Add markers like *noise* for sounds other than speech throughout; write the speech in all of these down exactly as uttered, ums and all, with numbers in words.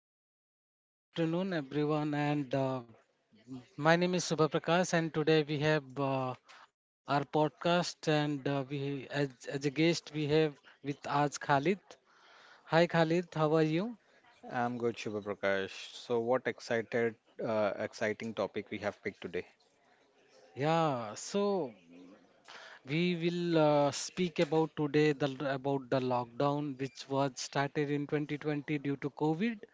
Hi, uh, good afternoon, everyone. And uh, my name is Subha Prakash, and today we have uh, our podcast. And uh, we, as, as a guest, we have with us Khalid. Hi, Khalid. How are you? I'm good, Shubha Prakash. So, what excited, uh, exciting topic we have picked today? Yeah. So we will uh, speak about today the about the lockdown, which was started in twenty twenty due to COVID.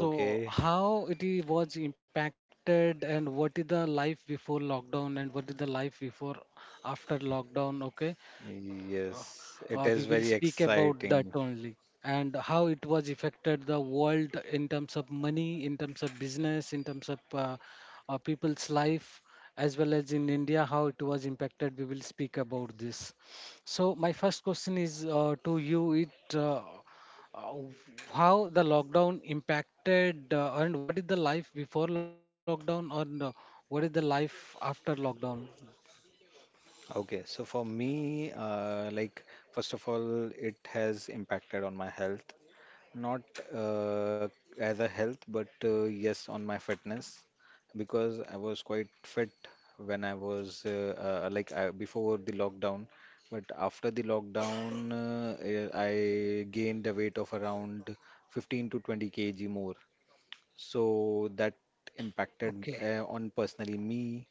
So, how it i- was impacted, and what is the life before lockdown, and what is the life before after lockdown? Okay, uh, yes, it uh, we is will very speak about that exciting. only, and how it was affected the world in terms of money, in terms of business, in terms of uh, uh, people's life, as well as in India, how it was impacted. We will speak about this. So my first question is uh, to you. It uh, uh, how the lockdown impacted uh, and what is the life before lockdown, or uh, what is the life after lockdown? Okay, so for me, uh, like first of all, it has impacted on my health. Not uh, as a health, but uh, yes, on my fitness, because I was quite fit when I was uh, uh, like I, before the lockdown. But after the lockdown, uh, eh, I gained a weight of around fifteen to twenty k g more. So that impacted Okay. uh, on personally me,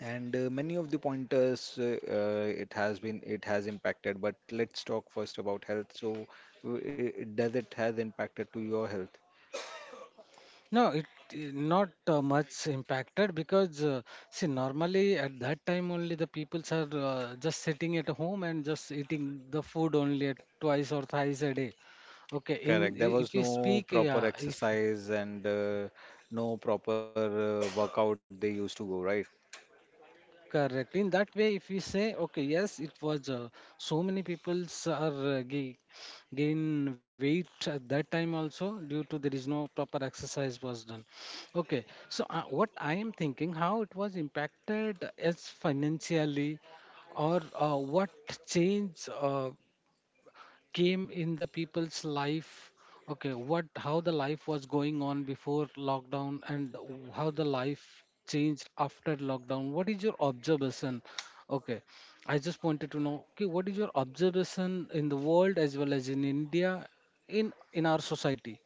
and uh, many of the pointers uh, uh, it has been it has impacted, but let's talk first about health. So, w- i- does it has impacted to your health? No, it it not uh, much impacted, because uh, see, normally at that time only the peoples are uh, just sitting at home and just eating the food only at twice or thrice a day. Okay, in Correct. There i- was if we no speak, proper yeah, if exercise and uh, no proper uh, workout they used to go, right? correct. In that way, if we say, okay, yes, it was uh, so many people's are uh, ga- gain weight at that time also, due to there is no proper exercise was done. Okay, so uh, what I am thinking, how it was impacted as financially, or uh, what change? Uh, came in the people's life. Okay, what, how the life was going on before lockdown, and how the life changed after lockdown? What is your observation? Okay, I just wanted to know, okay, what is your observation in the world, as well as in India, in in our society?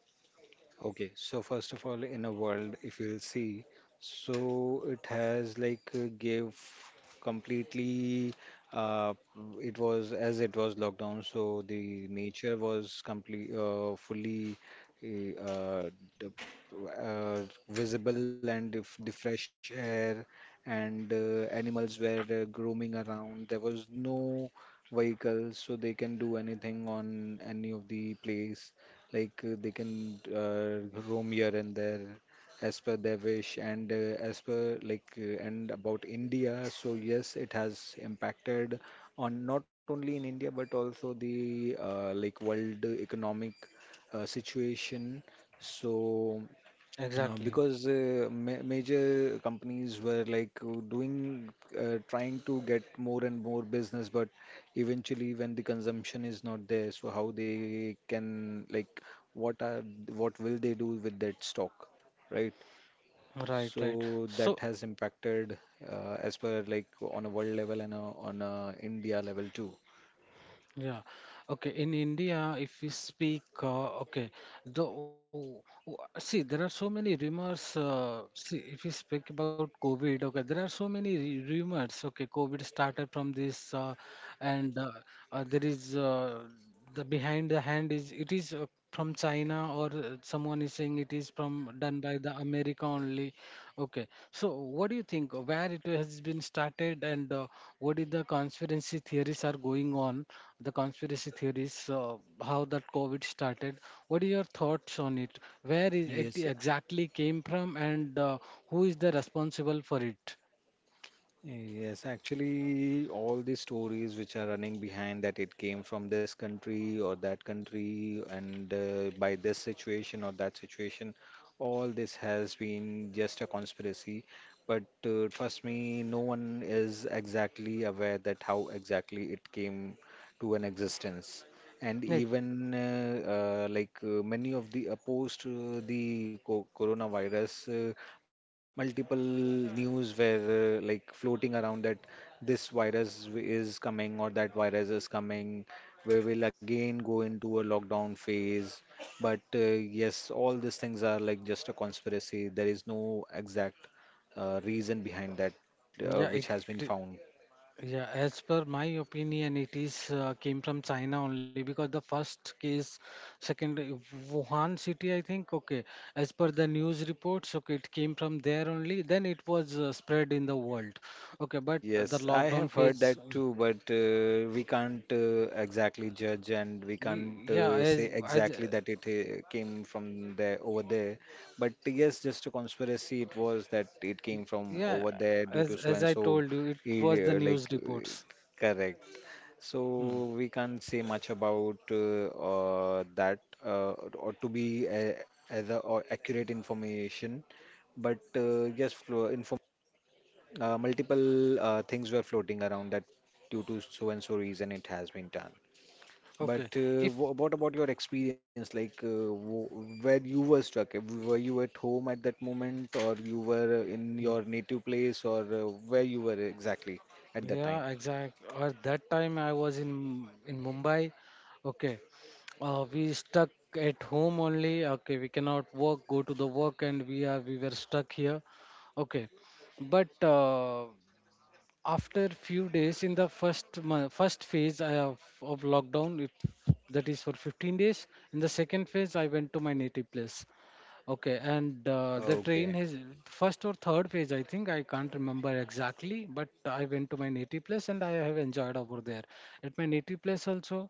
Okay, so first of all, in a world, if you'll see, so it has like uh, gave completely, uh it was, as it was lockdown, so the nature was complete uh fully uh, uh, d- uh visible, and if the fresh air and uh, animals were uh, roaming around. There was no vehicles, so they can do anything on any of the place, like uh, they can uh, roam here and there as per their wish, and uh, as per like uh, and about India. So yes, it has impacted, on not only in India but also the uh, like world economic uh, situation. So. Uh, exactly. because uh, ma major companies were like uh, doing uh, trying to get more and more business, but eventually when the consumption is not there, so how they can, like what are, what will they do with that stock, right? Right, So right. that So has impacted uh, as per like on a world level and uh on a India level too. yeah. Okay. In India, if we speak, uh, okay, the w- w- see, there are so many rumors. Uh, see, if we speak about COVID, okay, there are so many re- rumors. Okay, COVID started from this, uh, and uh, uh, there is uh, the behind the hand is it is uh, from China, or uh, someone is saying it is from done by the America only. Okay, so what do you think? uh, Where it has been started, and uh, what is the conspiracy theories are going on? The conspiracy theories, uh, how that COVID started. What are your thoughts on it? Where is it Yes. exactly came from, and uh, who is the responsible for it? Yes, actually, all the stories which are running behind that it came from this country or that country, and uh, by this situation or that situation, all this has been just a conspiracy. But uh, trust me, no one is exactly aware that how exactly it came to an existence. And Like, even uh, uh, like uh, many of the opposed to the co coronavirus. Uh, multiple news were uh, like floating around that this virus w- is coming or that virus is coming. We will again go into a lockdown phase. But uh, yes, all these things are like just a conspiracy. There is no exact uh, reason behind that uh, yeah, which it. has been found. Yeah, as per my opinion, it is uh, came from China only, because the first case, second uh, Wuhan city, I think. Okay, as per the news reports, okay, it came from there only. Then it was uh, spread in the world. Okay, but the Yes, I have lockdown heard that phase, too, but uh, we can't uh, exactly judge, and we y- can't yeah, uh, say as as exactly that it uh, came from there over there. But yes, just a conspiracy it was that it came from yeah, over there due as to so as and I so. told you, it It, was the uh, like news uh, reports. correct. So Hmm. we can't say much about uh, uh, that uh, or to be uh, as a, or accurate information. But uh, yes, flo- information. Uh, multiple uh, things were floating around that due to so and so reason it has been done. But Okay, uh, if wha what about your experience? Like, uh, w where you were stuck? Uh, Were you at home at that moment, or you were in your native place, or uh, where you were exactly at that time? yeah, exact. Or that time I was in in Mumbai. Okay, uh, we stuck at home only. Okay, we cannot work, go to the work, and we are we were stuck here. Okay, but uh, after few days in the first month, first phase I have of lockdown, it, that is for fifteen days. In the second phase, I went to my native place. Okay, and uh, the train Okay. is first or third page, I think. I can't remember exactly, but I went to my native place and I have enjoyed over there. At my native place also,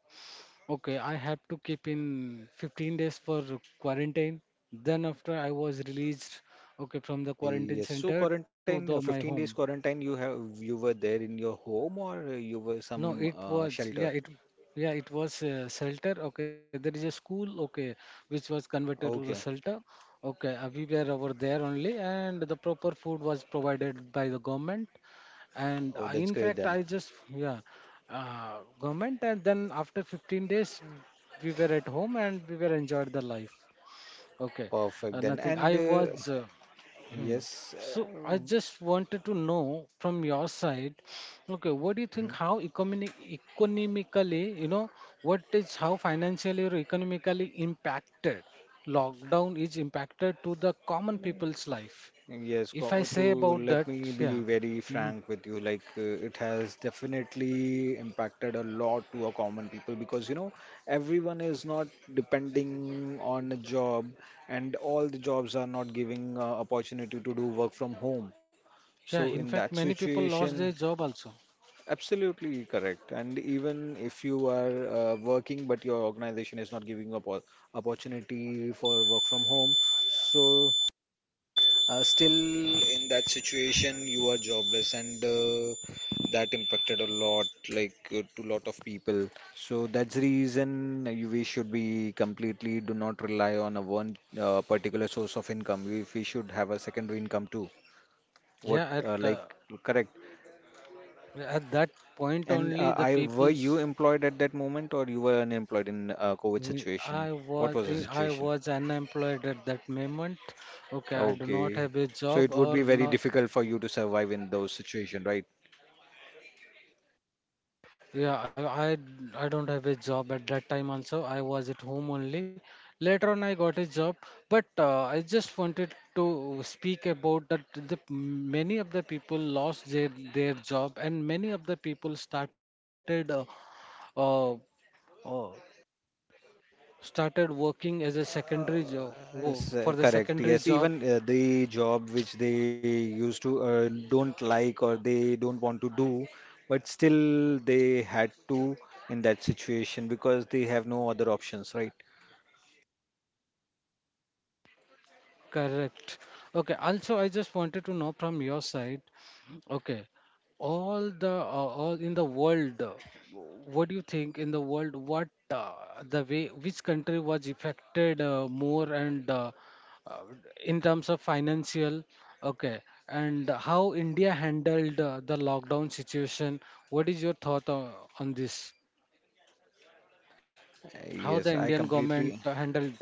okay, I have to keep in fifteen days for quarantine. Then after I was released, okay, from the Uh, quarantine yes. So center to quarantine, the uh, my fifteen home. days quarantine. You have you were there in your home, or uh, you were No, some it uh, was shelter? yeah it yeah it was uh, shelter. Okay, there is a school. Okay, which was converted to the Okay. shelter. Okay, uh, we were over there only, and the proper food was provided by the government. And Oh, I, that's in great fact, then. I just yeah, uh, government. And then after fifteen days, we were at home and we were enjoyed the life. Okay, uh, Perfect then. nothing. I And uh, was uh, hmm. Yes, uh, So I hmm, just wanted to know from your side, okay, what do you think how economic economically, you know, what is how financially or economically impacted lockdown is impacted to the common people's life? yes. If I co- To say about let that, me be yeah. very Mm. frank with you, like uh, it has definitely impacted a lot to a common people, because you know, everyone is not depending on a job, and all the jobs are not giving uh, opportunity to do work from home. So Yeah, in in that fact, many people lost situation, their job also. absolutely correct. And even if you are uh, working, but your organization is not giving up opportunity for work from home, so. Uh, still in that situation, you are jobless, and uh, that impacted a lot, like uh, to lot of people. So that's the reason you- we should be completely do not rely on a one uh, particular source of income. We, we should have a secondary income too. What Yeah, at uh, like uh, correct? at that point And only uh, the I, were people's. you employed at that moment, or you were unemployed in uh, COVID Me- situation? I What was was the eh, I situation? was unemployed at that moment. Okay, I do not Okay, have a so job it would be or very not. difficult for you to survive in those situation, right? Yeah, I, I I don't have a job at that time also. I was at home only. Later on, I got a job, but uh, I just wanted to speak about that. The many of the people lost their their job, and many of the people started uh, uh, uh, started working as a secondary Uh, job yes, for the uh, correct. secondary Yes, job. even uh, the job which they used to uh, don't like or they don't want to do, but still they had to in that situation because they have no other options, right? Correct. Okay. Also, I just wanted to know from your side. Okay, all the uh, all in the world, uh, what do you think in the world? What uh, the way which country was affected uh, more, and uh, uh, in terms of financial? Okay, and how India handled uh, the lockdown situation? What is your thought on, on this? Uh, How Yes, the I Indian completely. government uh, handled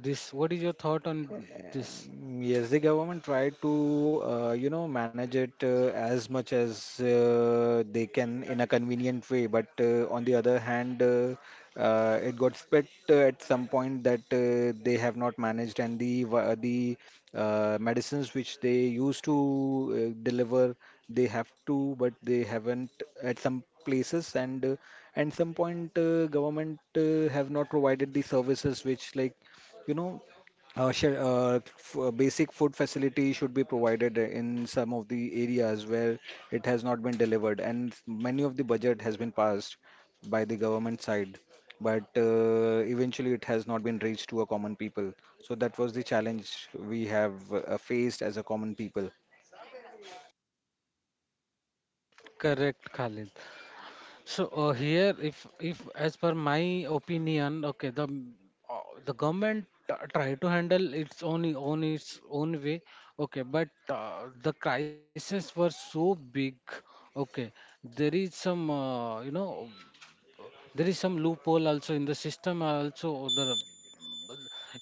this? What is your thought on this? Um, Yes, the government tried to, uh, you know, manage it uh, as much as uh, they can in a convenient way. But uh, on the other hand, uh, uh, it got split uh, at some point that uh, they have not managed, and the wa- the uh, medicines which they used to uh, deliver, they have to, but they haven't at some places, and uh, and some point uh, government uh, have not provided the services which like you know uh, sure. Uh, f- uh, basic food facility should be provided in some of the areas where it has not been delivered, and many of the budget has been passed by the government side, but uh, eventually it has not been reached to a common people. So that was the challenge we have uh, faced as a common people. Correct, Khalid. So uh, here, if if as per my opinion, okay, the m- uh, the government t- try to handle its own own its own way, okay, but uh, the crisis were so big, okay. There is some uh, you know, uh, there is some loophole also in the system also, or the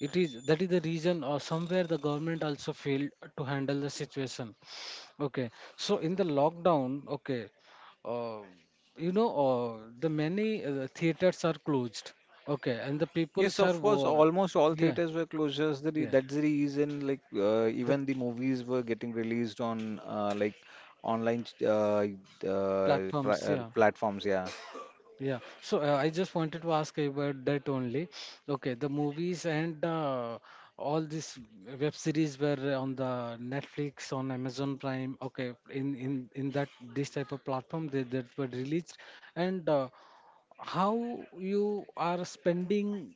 it is that is the reason, or somewhere the government also failed to handle the situation. Okay, so in the lockdown, okay, uh, you know, uh, the many uh, theaters are closed, okay, and the Yes, peoples are, of course, wo- almost all yeah, theaters were closures. The re yeah, that's the reason, like, uh, the even the movies were getting released on, uh, like, online ch- uh, uh, pri- platforms, uh, yeah, platforms. Yeah. yeah. So uh, I just wanted to ask about that only. Okay, the movies and uh, all these web series were on the Netflix, on Amazon Prime, okay, in in in that this type of platform they that were released, and uh, how you are spending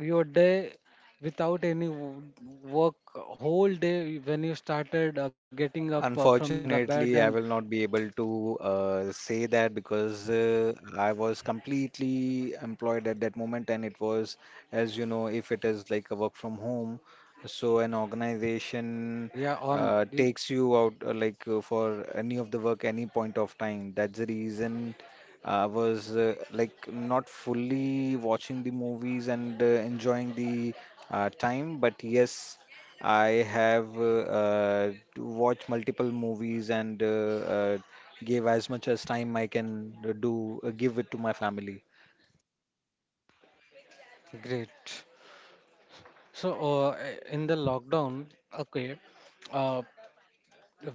your day without any w- work whole day when you started uh, getting up uh, from the bed and Unfortunately, I will not be able to uh, say that, because uh, I was completely employed at that moment, and it was, as you know, if it is like a work from home, so an organization yeah on uh, y- takes you out uh, like uh, for any of the work, any point of time. That's the reason I was uh, like not fully watching the movies and uh, enjoying the uh, time, but yes. I have uh, uh, watched multiple movies and uh, uh, gave as much as time I can do, uh, give it to my family. great. So uh, in the lockdown, okay, uh,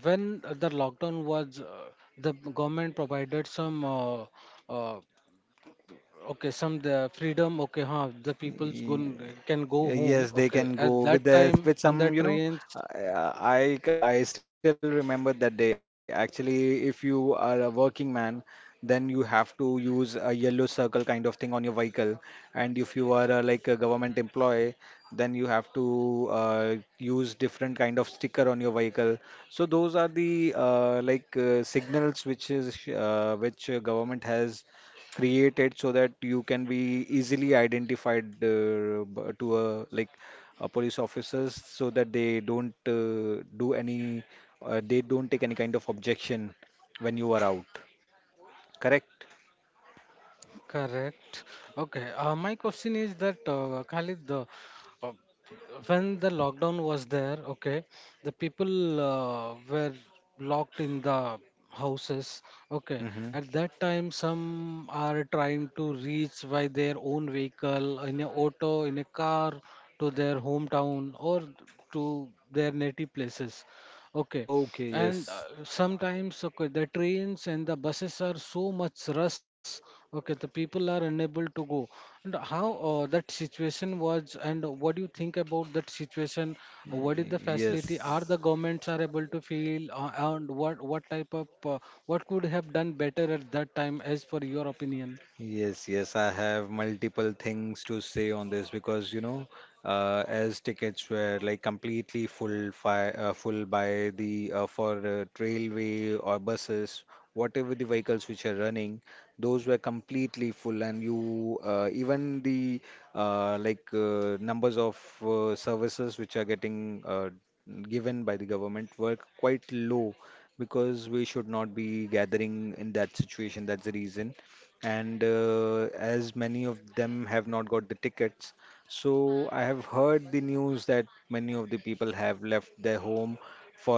when the lockdown was uh, the government provided some uh, uh, okay, some the freedom, okay, huh, the people's Y- gon- can go home, Yes, they okay, can at go with that the time with on the some, you know, trains. I I I still remember that day. Actually, if you are a working man, then you have to use a yellow circle kind of thing on your vehicle, and if you are uh, like a government employee, then you have to uh, use different kind of sticker on your vehicle. So those are the uh, like uh, signals which is uh, which uh, government has created so that you can be easily identified uh, b- to a like a police officers, so that they don't uh, do any uh, they don't take any kind of objection when you are out, correct. Correct. Okay. Uh, my question is that uh, Khalid, the uh, when the lockdown was there, okay, the people uh, were locked in the houses. Okay. Hmm. At that time, some are trying to reach by their own vehicle, in a auto, in a car, to their hometown or to their native places. Okay, Okay, and uh, yes, sometimes, okay, the trains and the buses are so much rush, okay, the people are unable to go. And how uh, that situation was, and what do you think about that situation? What is the facility are the yes. governments are able to feel, uh, and what what type of uh, what could have done better at that time as for your opinion? Yes, yes, I have multiple things to say on this, because you know, uh, as tickets were like completely full fi uh, full by the uh, for uh, railway or buses, whatever the vehicles which are running, those were completely full, and you uh, even the uh, like uh, numbers of uh, services which are getting uh, given by the government were quite low, because we should not be gathering in that situation. That's the reason. And uh, as many of them have not got the tickets, so I have heard the news that many of the people have left their home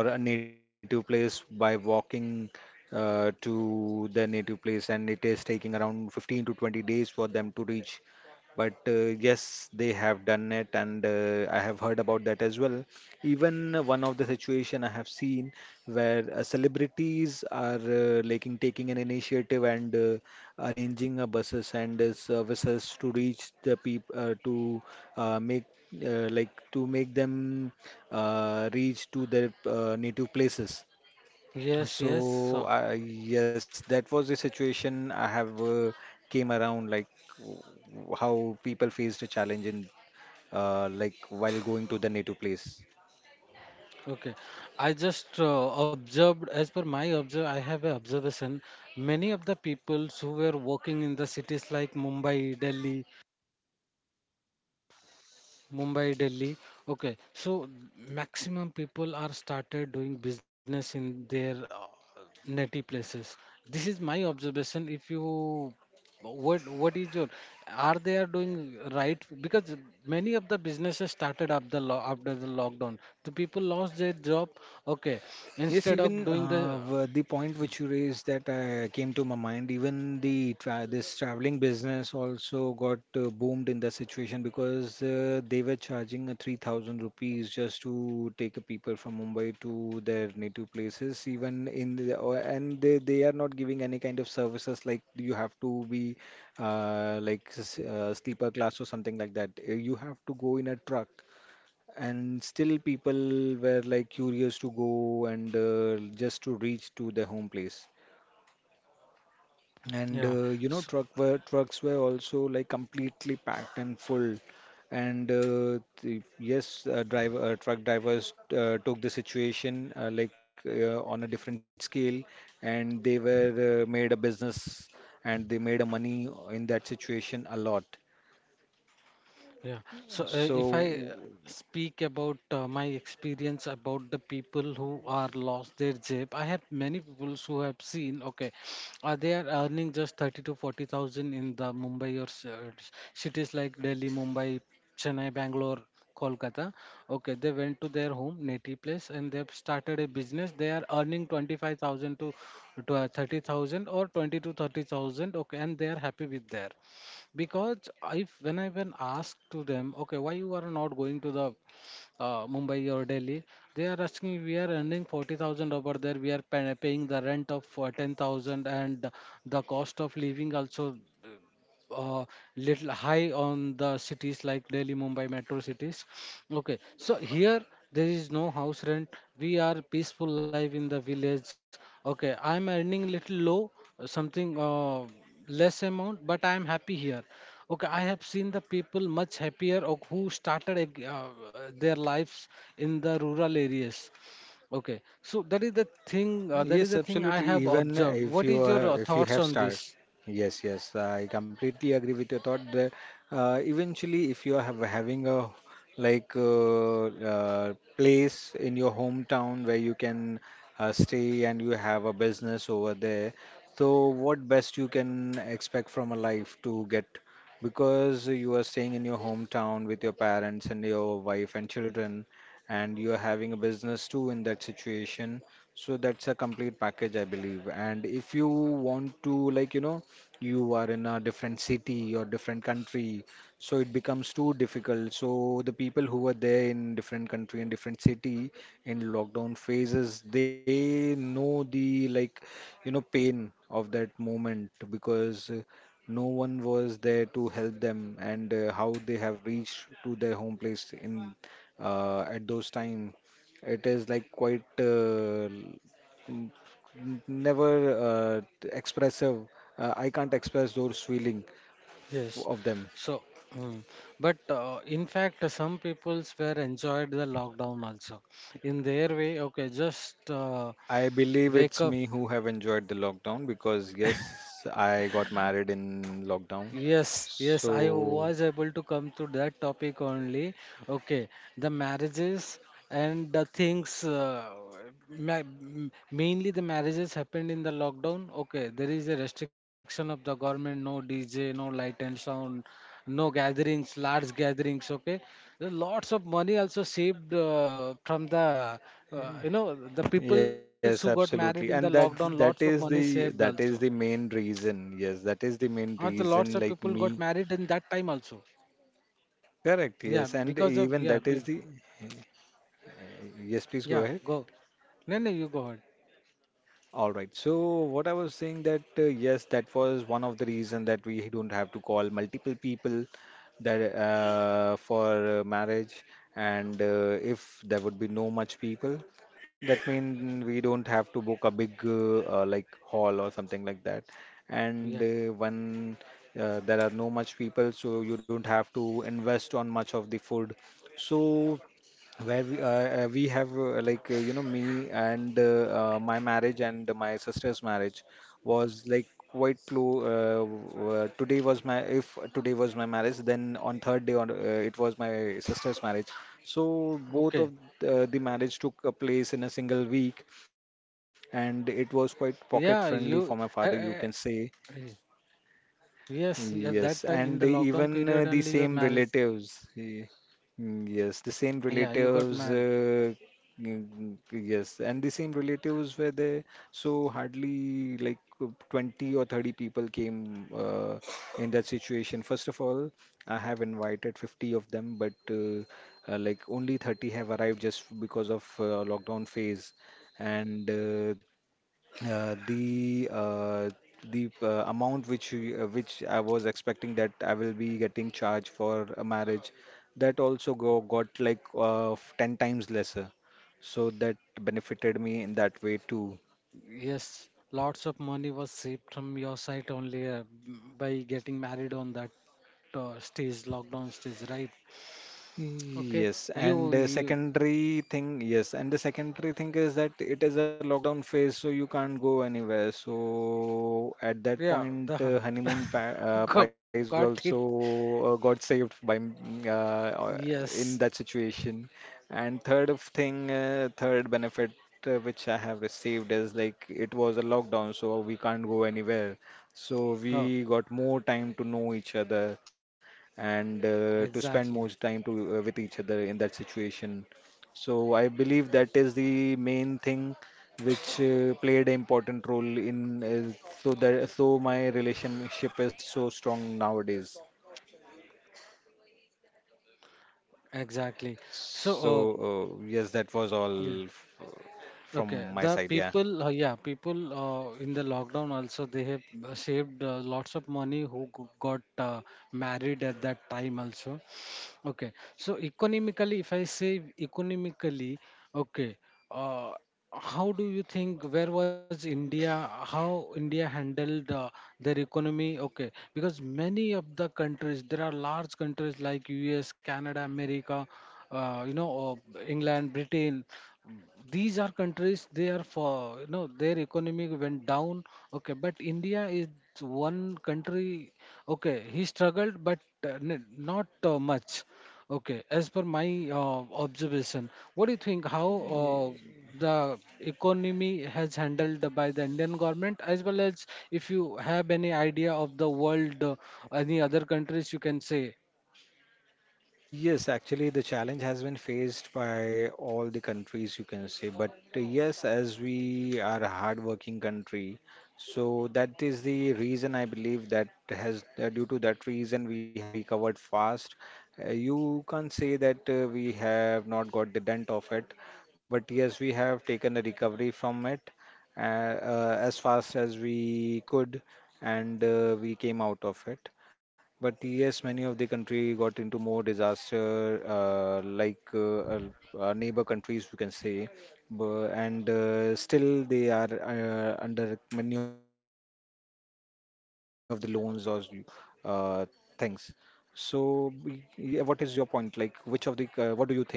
for a native place by walking uh, to their native place, and it is taking around fifteen to twenty days for them to reach, but uh, yes, they have done it, and uh, I have heard about that as well. Even uh, one of the situation I have seen where uh, celebrities are uh, like in taking an initiative and uh, arranging uh, buses and uh, services to reach the people uh, to uh, make uh, like to make them uh, reach to their uh, native places. Yes, yes. So uh, yes, that was the situation I have uh, came around, like w- how people faced a challenge in uh, like while going to the native place. Okay, I just uh, observed, as per my observe, I have an observation. Many of the peoples who were working in the cities like Mumbai, Delhi, Mumbai, Delhi. Okay, so maximum people are started doing business in their uh, natty places. This is my observation. If you what what is your are they are doing right, because many of the businesses started up the lo- after the lockdown, the people lost their job, okay, Yes, instead of even doing the uh, w- the point which you raised that uh, came to my mind, even the tra this traveling business also got uh, boomed in the situation, because uh, they were charging uh, three thousand rupees just to take a people from Mumbai to their native places, even in the, or- and they, they are not giving any kind of services, like you have to be uh, like s- uh, sleeper class or something like that. Uh, You have to go in a truck, and still people were like curious to go and uh, just to reach to their home place. And yeah. uh, you know, truck were trucks were also like completely packed and full. And uh, the, yes, uh, driver uh, Truck drivers uh, took the situation uh, like uh, on a different scale, and they were uh, made a business, and they made a money in that situation a lot. Yeah. So uh, if I So uh, speak about uh, my experience about the people who are lost their job, I have many people who have seen, okay, uh, they are earning just thirty to forty thousand in the Mumbai or s- uh, s- cities like Delhi, Mumbai, Chennai, Bangalore, Kolkata. Okay, they went to their home, native place, and they've started a business. They are earning twenty-five thousand to to, uh, thirty thousand or twenty to thirty thousand. Okay, and they are happy with there, because if when I when asked to them, okay, why you are not going to the uh, Mumbai or Delhi, they are asking we are earning forty thousand over there, we are pay, paying the rent of uh, ten thousand, and the cost of living also uh, little high on the cities like Delhi, Mumbai metro cities. Okay, so here there is no house rent. We are peaceful life in the village. Okay, I'm earning little low, uh, something uh, less amount, but I am happy here. Okay, I have seen the people much happier of who started ag- uh, their lives in the rural areas. Okay, so that is the thing. Uh, that is yes, the thing I absolutely. have Even observed. if What you is your uh, uh, if you thoughts have on start, this? yes, yes, I completely agree with your thought that uh, eventually, if you are have, having a like uh, uh, place in your hometown where you can uh, stay and you have a business over there, so what best you can expect from a life to get, because you are staying in your hometown with your parents and your wife and children, and you are having a business too in that situation, so that's a complete package, I believe. And if you want to, like, you know, you are in a different city or different country, so it becomes too difficult. So the people who were there in different country and different city in lockdown phases, they know the, like, you know, pain of that moment because uh, no one was there to help them, and uh, how they have reached to their home place in uh, at those time. It is like quite uh, n- n- never uh, t- expressive. Uh, I can't express those feeling f- Yes. of them. So, mm, but uh, in fact, uh, some peoples were enjoyed the lockdown also. In their way, okay, just uh, I believe wake it's up. me who have enjoyed the lockdown because yes, I got married in lockdown. Yes, yes, I So was able to come to that topic only. Okay, the marriages and the things, uh, ma- m- mainly the marriages happened in the lockdown. Okay, there is a restriction of the government, no D J, no light and sound, no gatherings, large gatherings. Okay, there are lots of money also saved uh, from the, uh, you know, the people who got yes, married in the absolutely, and lockdown, that lots of money that is saved the also. that is the main reason. Yes, that is the Aren't the main lots of reason. people Like got married me, in that time also? correct. Yeah, Yes, and because of yeah, even that be, is the yes. Please go Yeah. ahead. Go. No, no, you go ahead. All right. So what I was saying that uh, yes, that was one of the reason that we don't have to call multiple people, that uh, for uh, marriage, and uh, if there would be no much people, that means we don't have to book a big uh, uh, like hall or something like that. And Yeah. uh, when uh, there are no much people, so you don't have to invest on much of the food. So where we, uh, uh, we have uh, like uh, you know, me and uh, uh, my marriage and my sister's marriage was like quite close, uh, w- uh, today was my if today was my marriage, then on third day on uh, it was my sister's marriage. So both of Okay. uh, the marriage took a place in a single week, and it was Yeah, quite you. pocket Uh, friendly for uh, my father, you can y- say. yes, at that time in the Yes, lockdown and period even only uh, your the marriage. same relatives. y- mm, Yes, the same Yeah, you got relatives. married. Uh, mm, mm, yes, and the same relatives were there. So hardly like uh, twenty or thirty people came uh, in that situation. First of all, I have invited fifty of them, but uh, uh, like only thirty have arrived just because of uh, lockdown phase. And uh, uh, the uh, the uh, amount which we- uh, which I was expecting that I will be getting charged for a marriage, that also go, got like uh, f- ten times lesser. So that benefited me in that way too. Yes, lots of money was saved from your side only uh, by getting married on that uh, stage, lockdown stage, right? Okay. Yes, and You, the you. secondary thing, yes, and the secondary thing is that it is a lockdown phase, so you can't go anywhere. So at that Yeah. point, The uh, honeymoon pa uh, *laughs* got price got also it. uh, got saved by m- uh, or- in Yes. that situation. And third of thing, uh, third benefit uh, which I have received is like it was a lockdown, so we can't go anywhere. So Oh, we got more time to know each other, and uh, to spend exactly. most time to uh, with each other in that situation. So I believe that is the main thing which uh, played an important role in uh, so that so my relationship is so strong nowadays. Exactly. So, So, uh, yes, that was uh, yeah. all f- from Okay, my the side. Yeah. people, uh, yeah, people uh, in the lockdown also they have uh, saved uh, lots of money who g- got uh, married at that time also. Okay. So economically, if I say economically, okay, uh, how do you think where was India, how India handled uh, their economy? Okay, because many of the countries, there are large countries like U S, Canada, America, uh, you know, uh, England, Britain. These are countries, they are for, you know, their economy went down. Okay, but India is one country, okay, he struggled, but uh, n- not uh, much. Okay, as per my uh, observation, what do you think how uh, the economy has handled by the Indian government, as well as if you have any idea of the world, uh, any other countries you can say? Yes, actually, the challenge has been faced by all the countries, you can say. But uh, yes, as we are a hardworking country, so that is the reason I believe that has, uh, due to that reason, we have recovered fast. Uh, you can't say that uh, we have not got the dent of it, but yes, we have taken a recovery from it uh, uh, as fast as we could, and uh, we came out of it. But yes, many of the country got into more disaster, uh, like uh, uh, uh, neighbor countries, we can say, Bu- and uh, still they are uh, under many of the loans or uh, things. So, we- yeah, what is your point? Like, which of the, uh, what do you think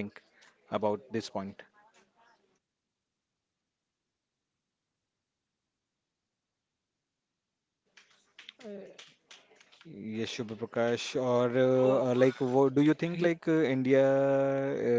about this point? Yes, Shubha Prakash. Or Oh, uh, uh, like, what, Do you think yeah, like uh, India,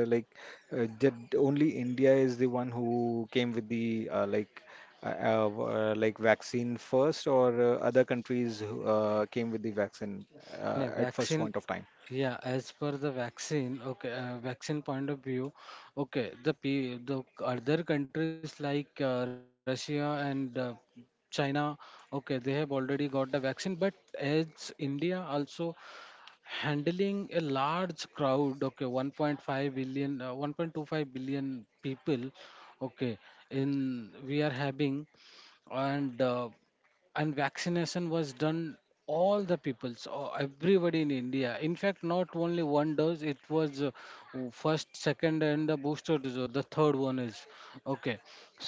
uh, like uh, did only India is the one who came with the uh, like uh, uh, v- uh, like vaccine first, or uh, other countries who uh, came with the vaccine uh, no, at first vaccine. point of time? Yeah, as per the vaccine, okay, uh, vaccine point of view, okay, the pe- the other countries like uh, Russia and uh, China, okay, they have already got the vaccine, but as India also handling a large crowd, okay, one point five billion uh, one point two five billion people, okay, in we are having. And uh, and vaccination was done, all the peoples or everybody in India, in fact not only one dose, it was uh, first, second and the booster dose or the third one is, okay,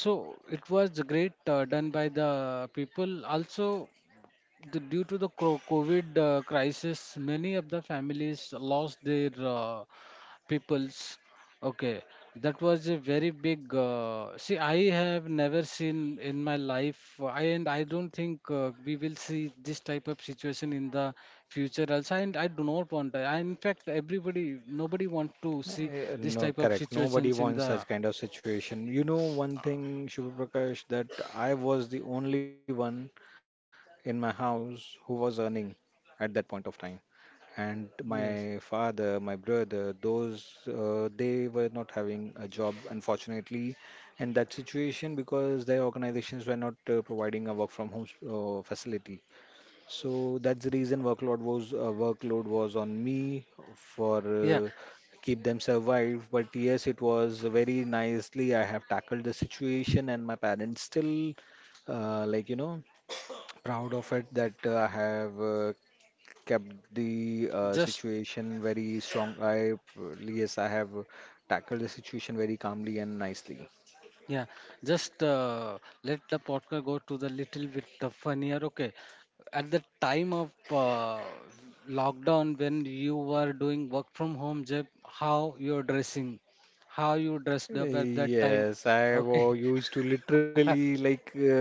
so it was great uh, done by the people also. The, due to the cro- COVID uh, crisis, many of the families lost their uh, peoples. Okay, that was a very big. Uh, see, I have never seen in my life, uh, I and I don't think uh, we will see this type of situation in the future. Also, and I do not want that. I, in fact, everybody, nobody want to see Uh, this No, type of correct. Nobody situations in wants the. such kind of situation. You know one thing, Shubha Prakash, that I was the only one in my house who was earning at that point of time, and Yes. my father, my brother, those uh, they were not having a job, unfortunately, in that situation because their organizations were not uh, providing a work from home uh, facility. So that's the reason workload was uh, workload was on me for Yeah, uh, keep them survived. But yes, it was very nicely I have tackled the situation, and my parents still uh, like, you know, proud of it that uh, I have uh, kept the uh, just. situation very strong. I uh, Yes, I have tackled the situation very calmly and nicely. Yeah, just uh, let the podcast go to the little bit uh, funnier. Okay, at the time of uh, lockdown when you were doing work from home, Jeb, how you're dressing, how you dressed up at that time. Yes, I Okay, was used to literally like uh,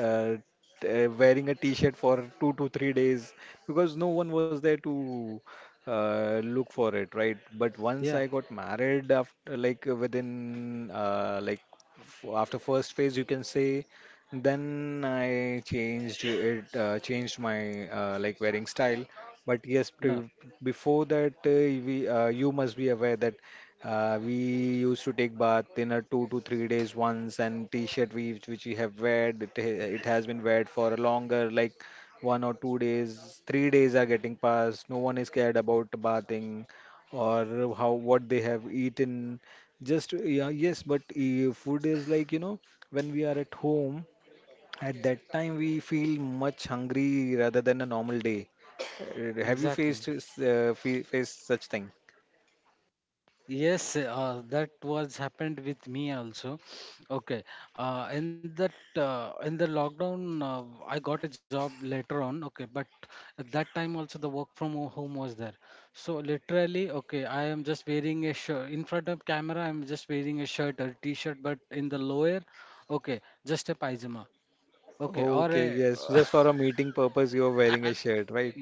uh, t- uh, wearing a t-shirt for two to three days because no one was there to uh, look for it, right? But *laughs* yeah, once I got married after like uh, within uh, like f- after first phase, you can say, then I changed it, uh, changed my uh, like wearing style. But yes, no, pre before that, uh, we uh, you must be aware that. Uh, we used to take bath in a two to three days once, and t-shirt we which we have weared it, ha- it has been weared for a longer like one or two days, three days are getting passed. No one is cared about bathing or how what they have eaten. Just yeah, yes, but uh, food is like, you know, when we are at home at that time, we feel much hungry rather than a normal day. Uh, Have you faced exactly. uh, fe- faced such thing? Yes, uh, that was happened with me also. Okay, uh, in that uh, in the lockdown, uh, I got a job later on. Okay, but at that time also the work from ho- home was there. So literally, okay, I am just wearing a shirt in front of camera. I'm just wearing a shirt or t-shirt, but in the lower, okay, just a pajama. Okay, or Okay, a yes, just *laughs* for a meeting purpose, you're wearing a shirt, right?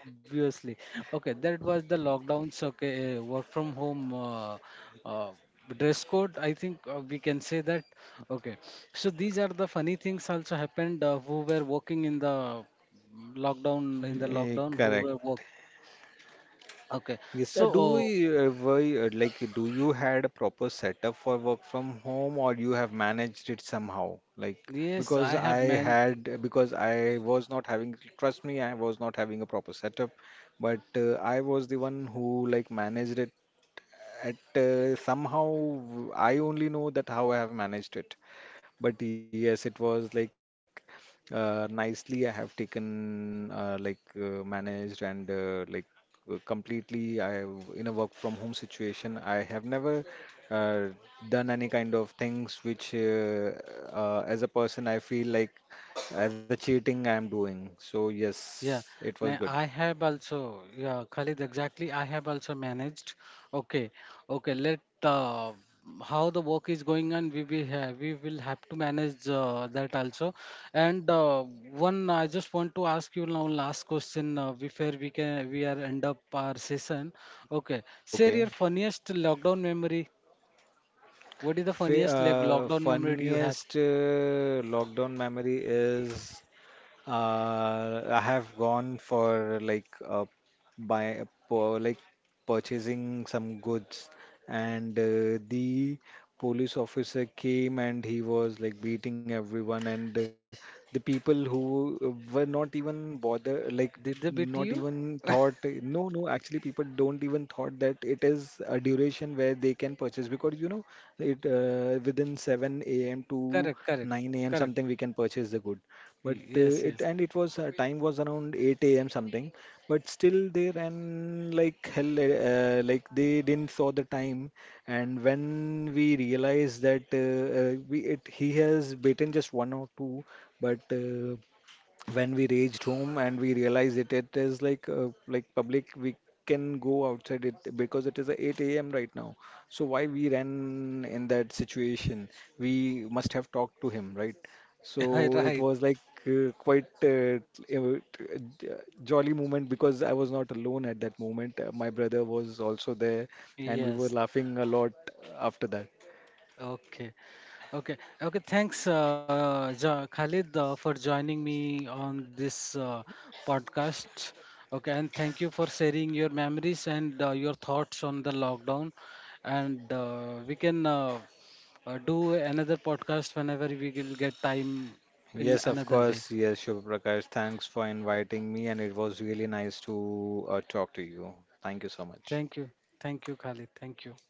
obviously. Okay, that was the lockdowns. Okay, uh, work from home uh, uh, dress code. I think uh, we can say that. Okay, so these are the funny things also happened uh, who were working in the lockdown, in the Eh, lockdown who correct. were work. Okay, Yes, uh, so do we, uh, uh, why, uh, like, do you had a proper setup for work from home, or you have managed it somehow? Like, yes, because I I have man. had, because I was not having, trust me, I was not having a proper setup, but uh, I was the one who like managed it. At uh, Somehow, I only know that how I have managed it. But yes, it was like uh, nicely I have taken uh, like uh, managed, and uh, like uh, completely I have- in a work from home situation. I have never uh, done any kind of things which uh, uh, as a person I feel like as a cheating I am doing. So Yeah, yes, it was now good. I have also, yeah, Khalid, exactly. I have also managed. Okay, okay, let uh, how the work is going on, we will have, we will have to manage uh, that also. And uh, one, I just want to ask you now last question uh, before we can we are end up our session. Okay, share Okay. your funniest lockdown memory. What is the Fa funniest like, uh, lockdown memory do you have? Funniest uh, lockdown memory is Uh, I have gone for like uh, buy po- like purchasing some goods, and uh, the police officer came and he was like beating everyone, and uh, the people who were not even bother Did like they beat you? not even thought. No, no, actually people don't even thought that it is a duration where they can purchase because, you know, it uh, within seven a m to Correct, correct, nine a m correct. something we can purchase the good. Y- but Yes, uh, yes. it and it was uh, time was around eight a m something, but still there and like hell, uh, uh, like they didn't saw the time, and when we realized that uh, uh, we it, he has beaten just one or two, but uh, when we reached home and we realized it, it is like uh, like public, we can go outside it because it is a eight a.m right now, so why we ran in that situation? We must have talked to him, right? *laughs* So it Right. was like uh, quite uh, uh, jolly moment because I was not alone at that moment. Uh, my brother was also there, and we were Yes. laughing a lot after that. Okay. Okay. Okay. Thanks, uh, jo- Khalid, uh, for joining me on this uh, podcast. Okay. And thank you for sharing your memories and uh, your thoughts on the lockdown. And uh, we can uh, uh, do another podcast whenever we will get time in Yes, of another day. course. Yes, Shubh Prakash. Thanks for inviting me, and it was really nice to uh, talk to you. Thank you so much. Thank you. Thank you, Khalid. Thank you.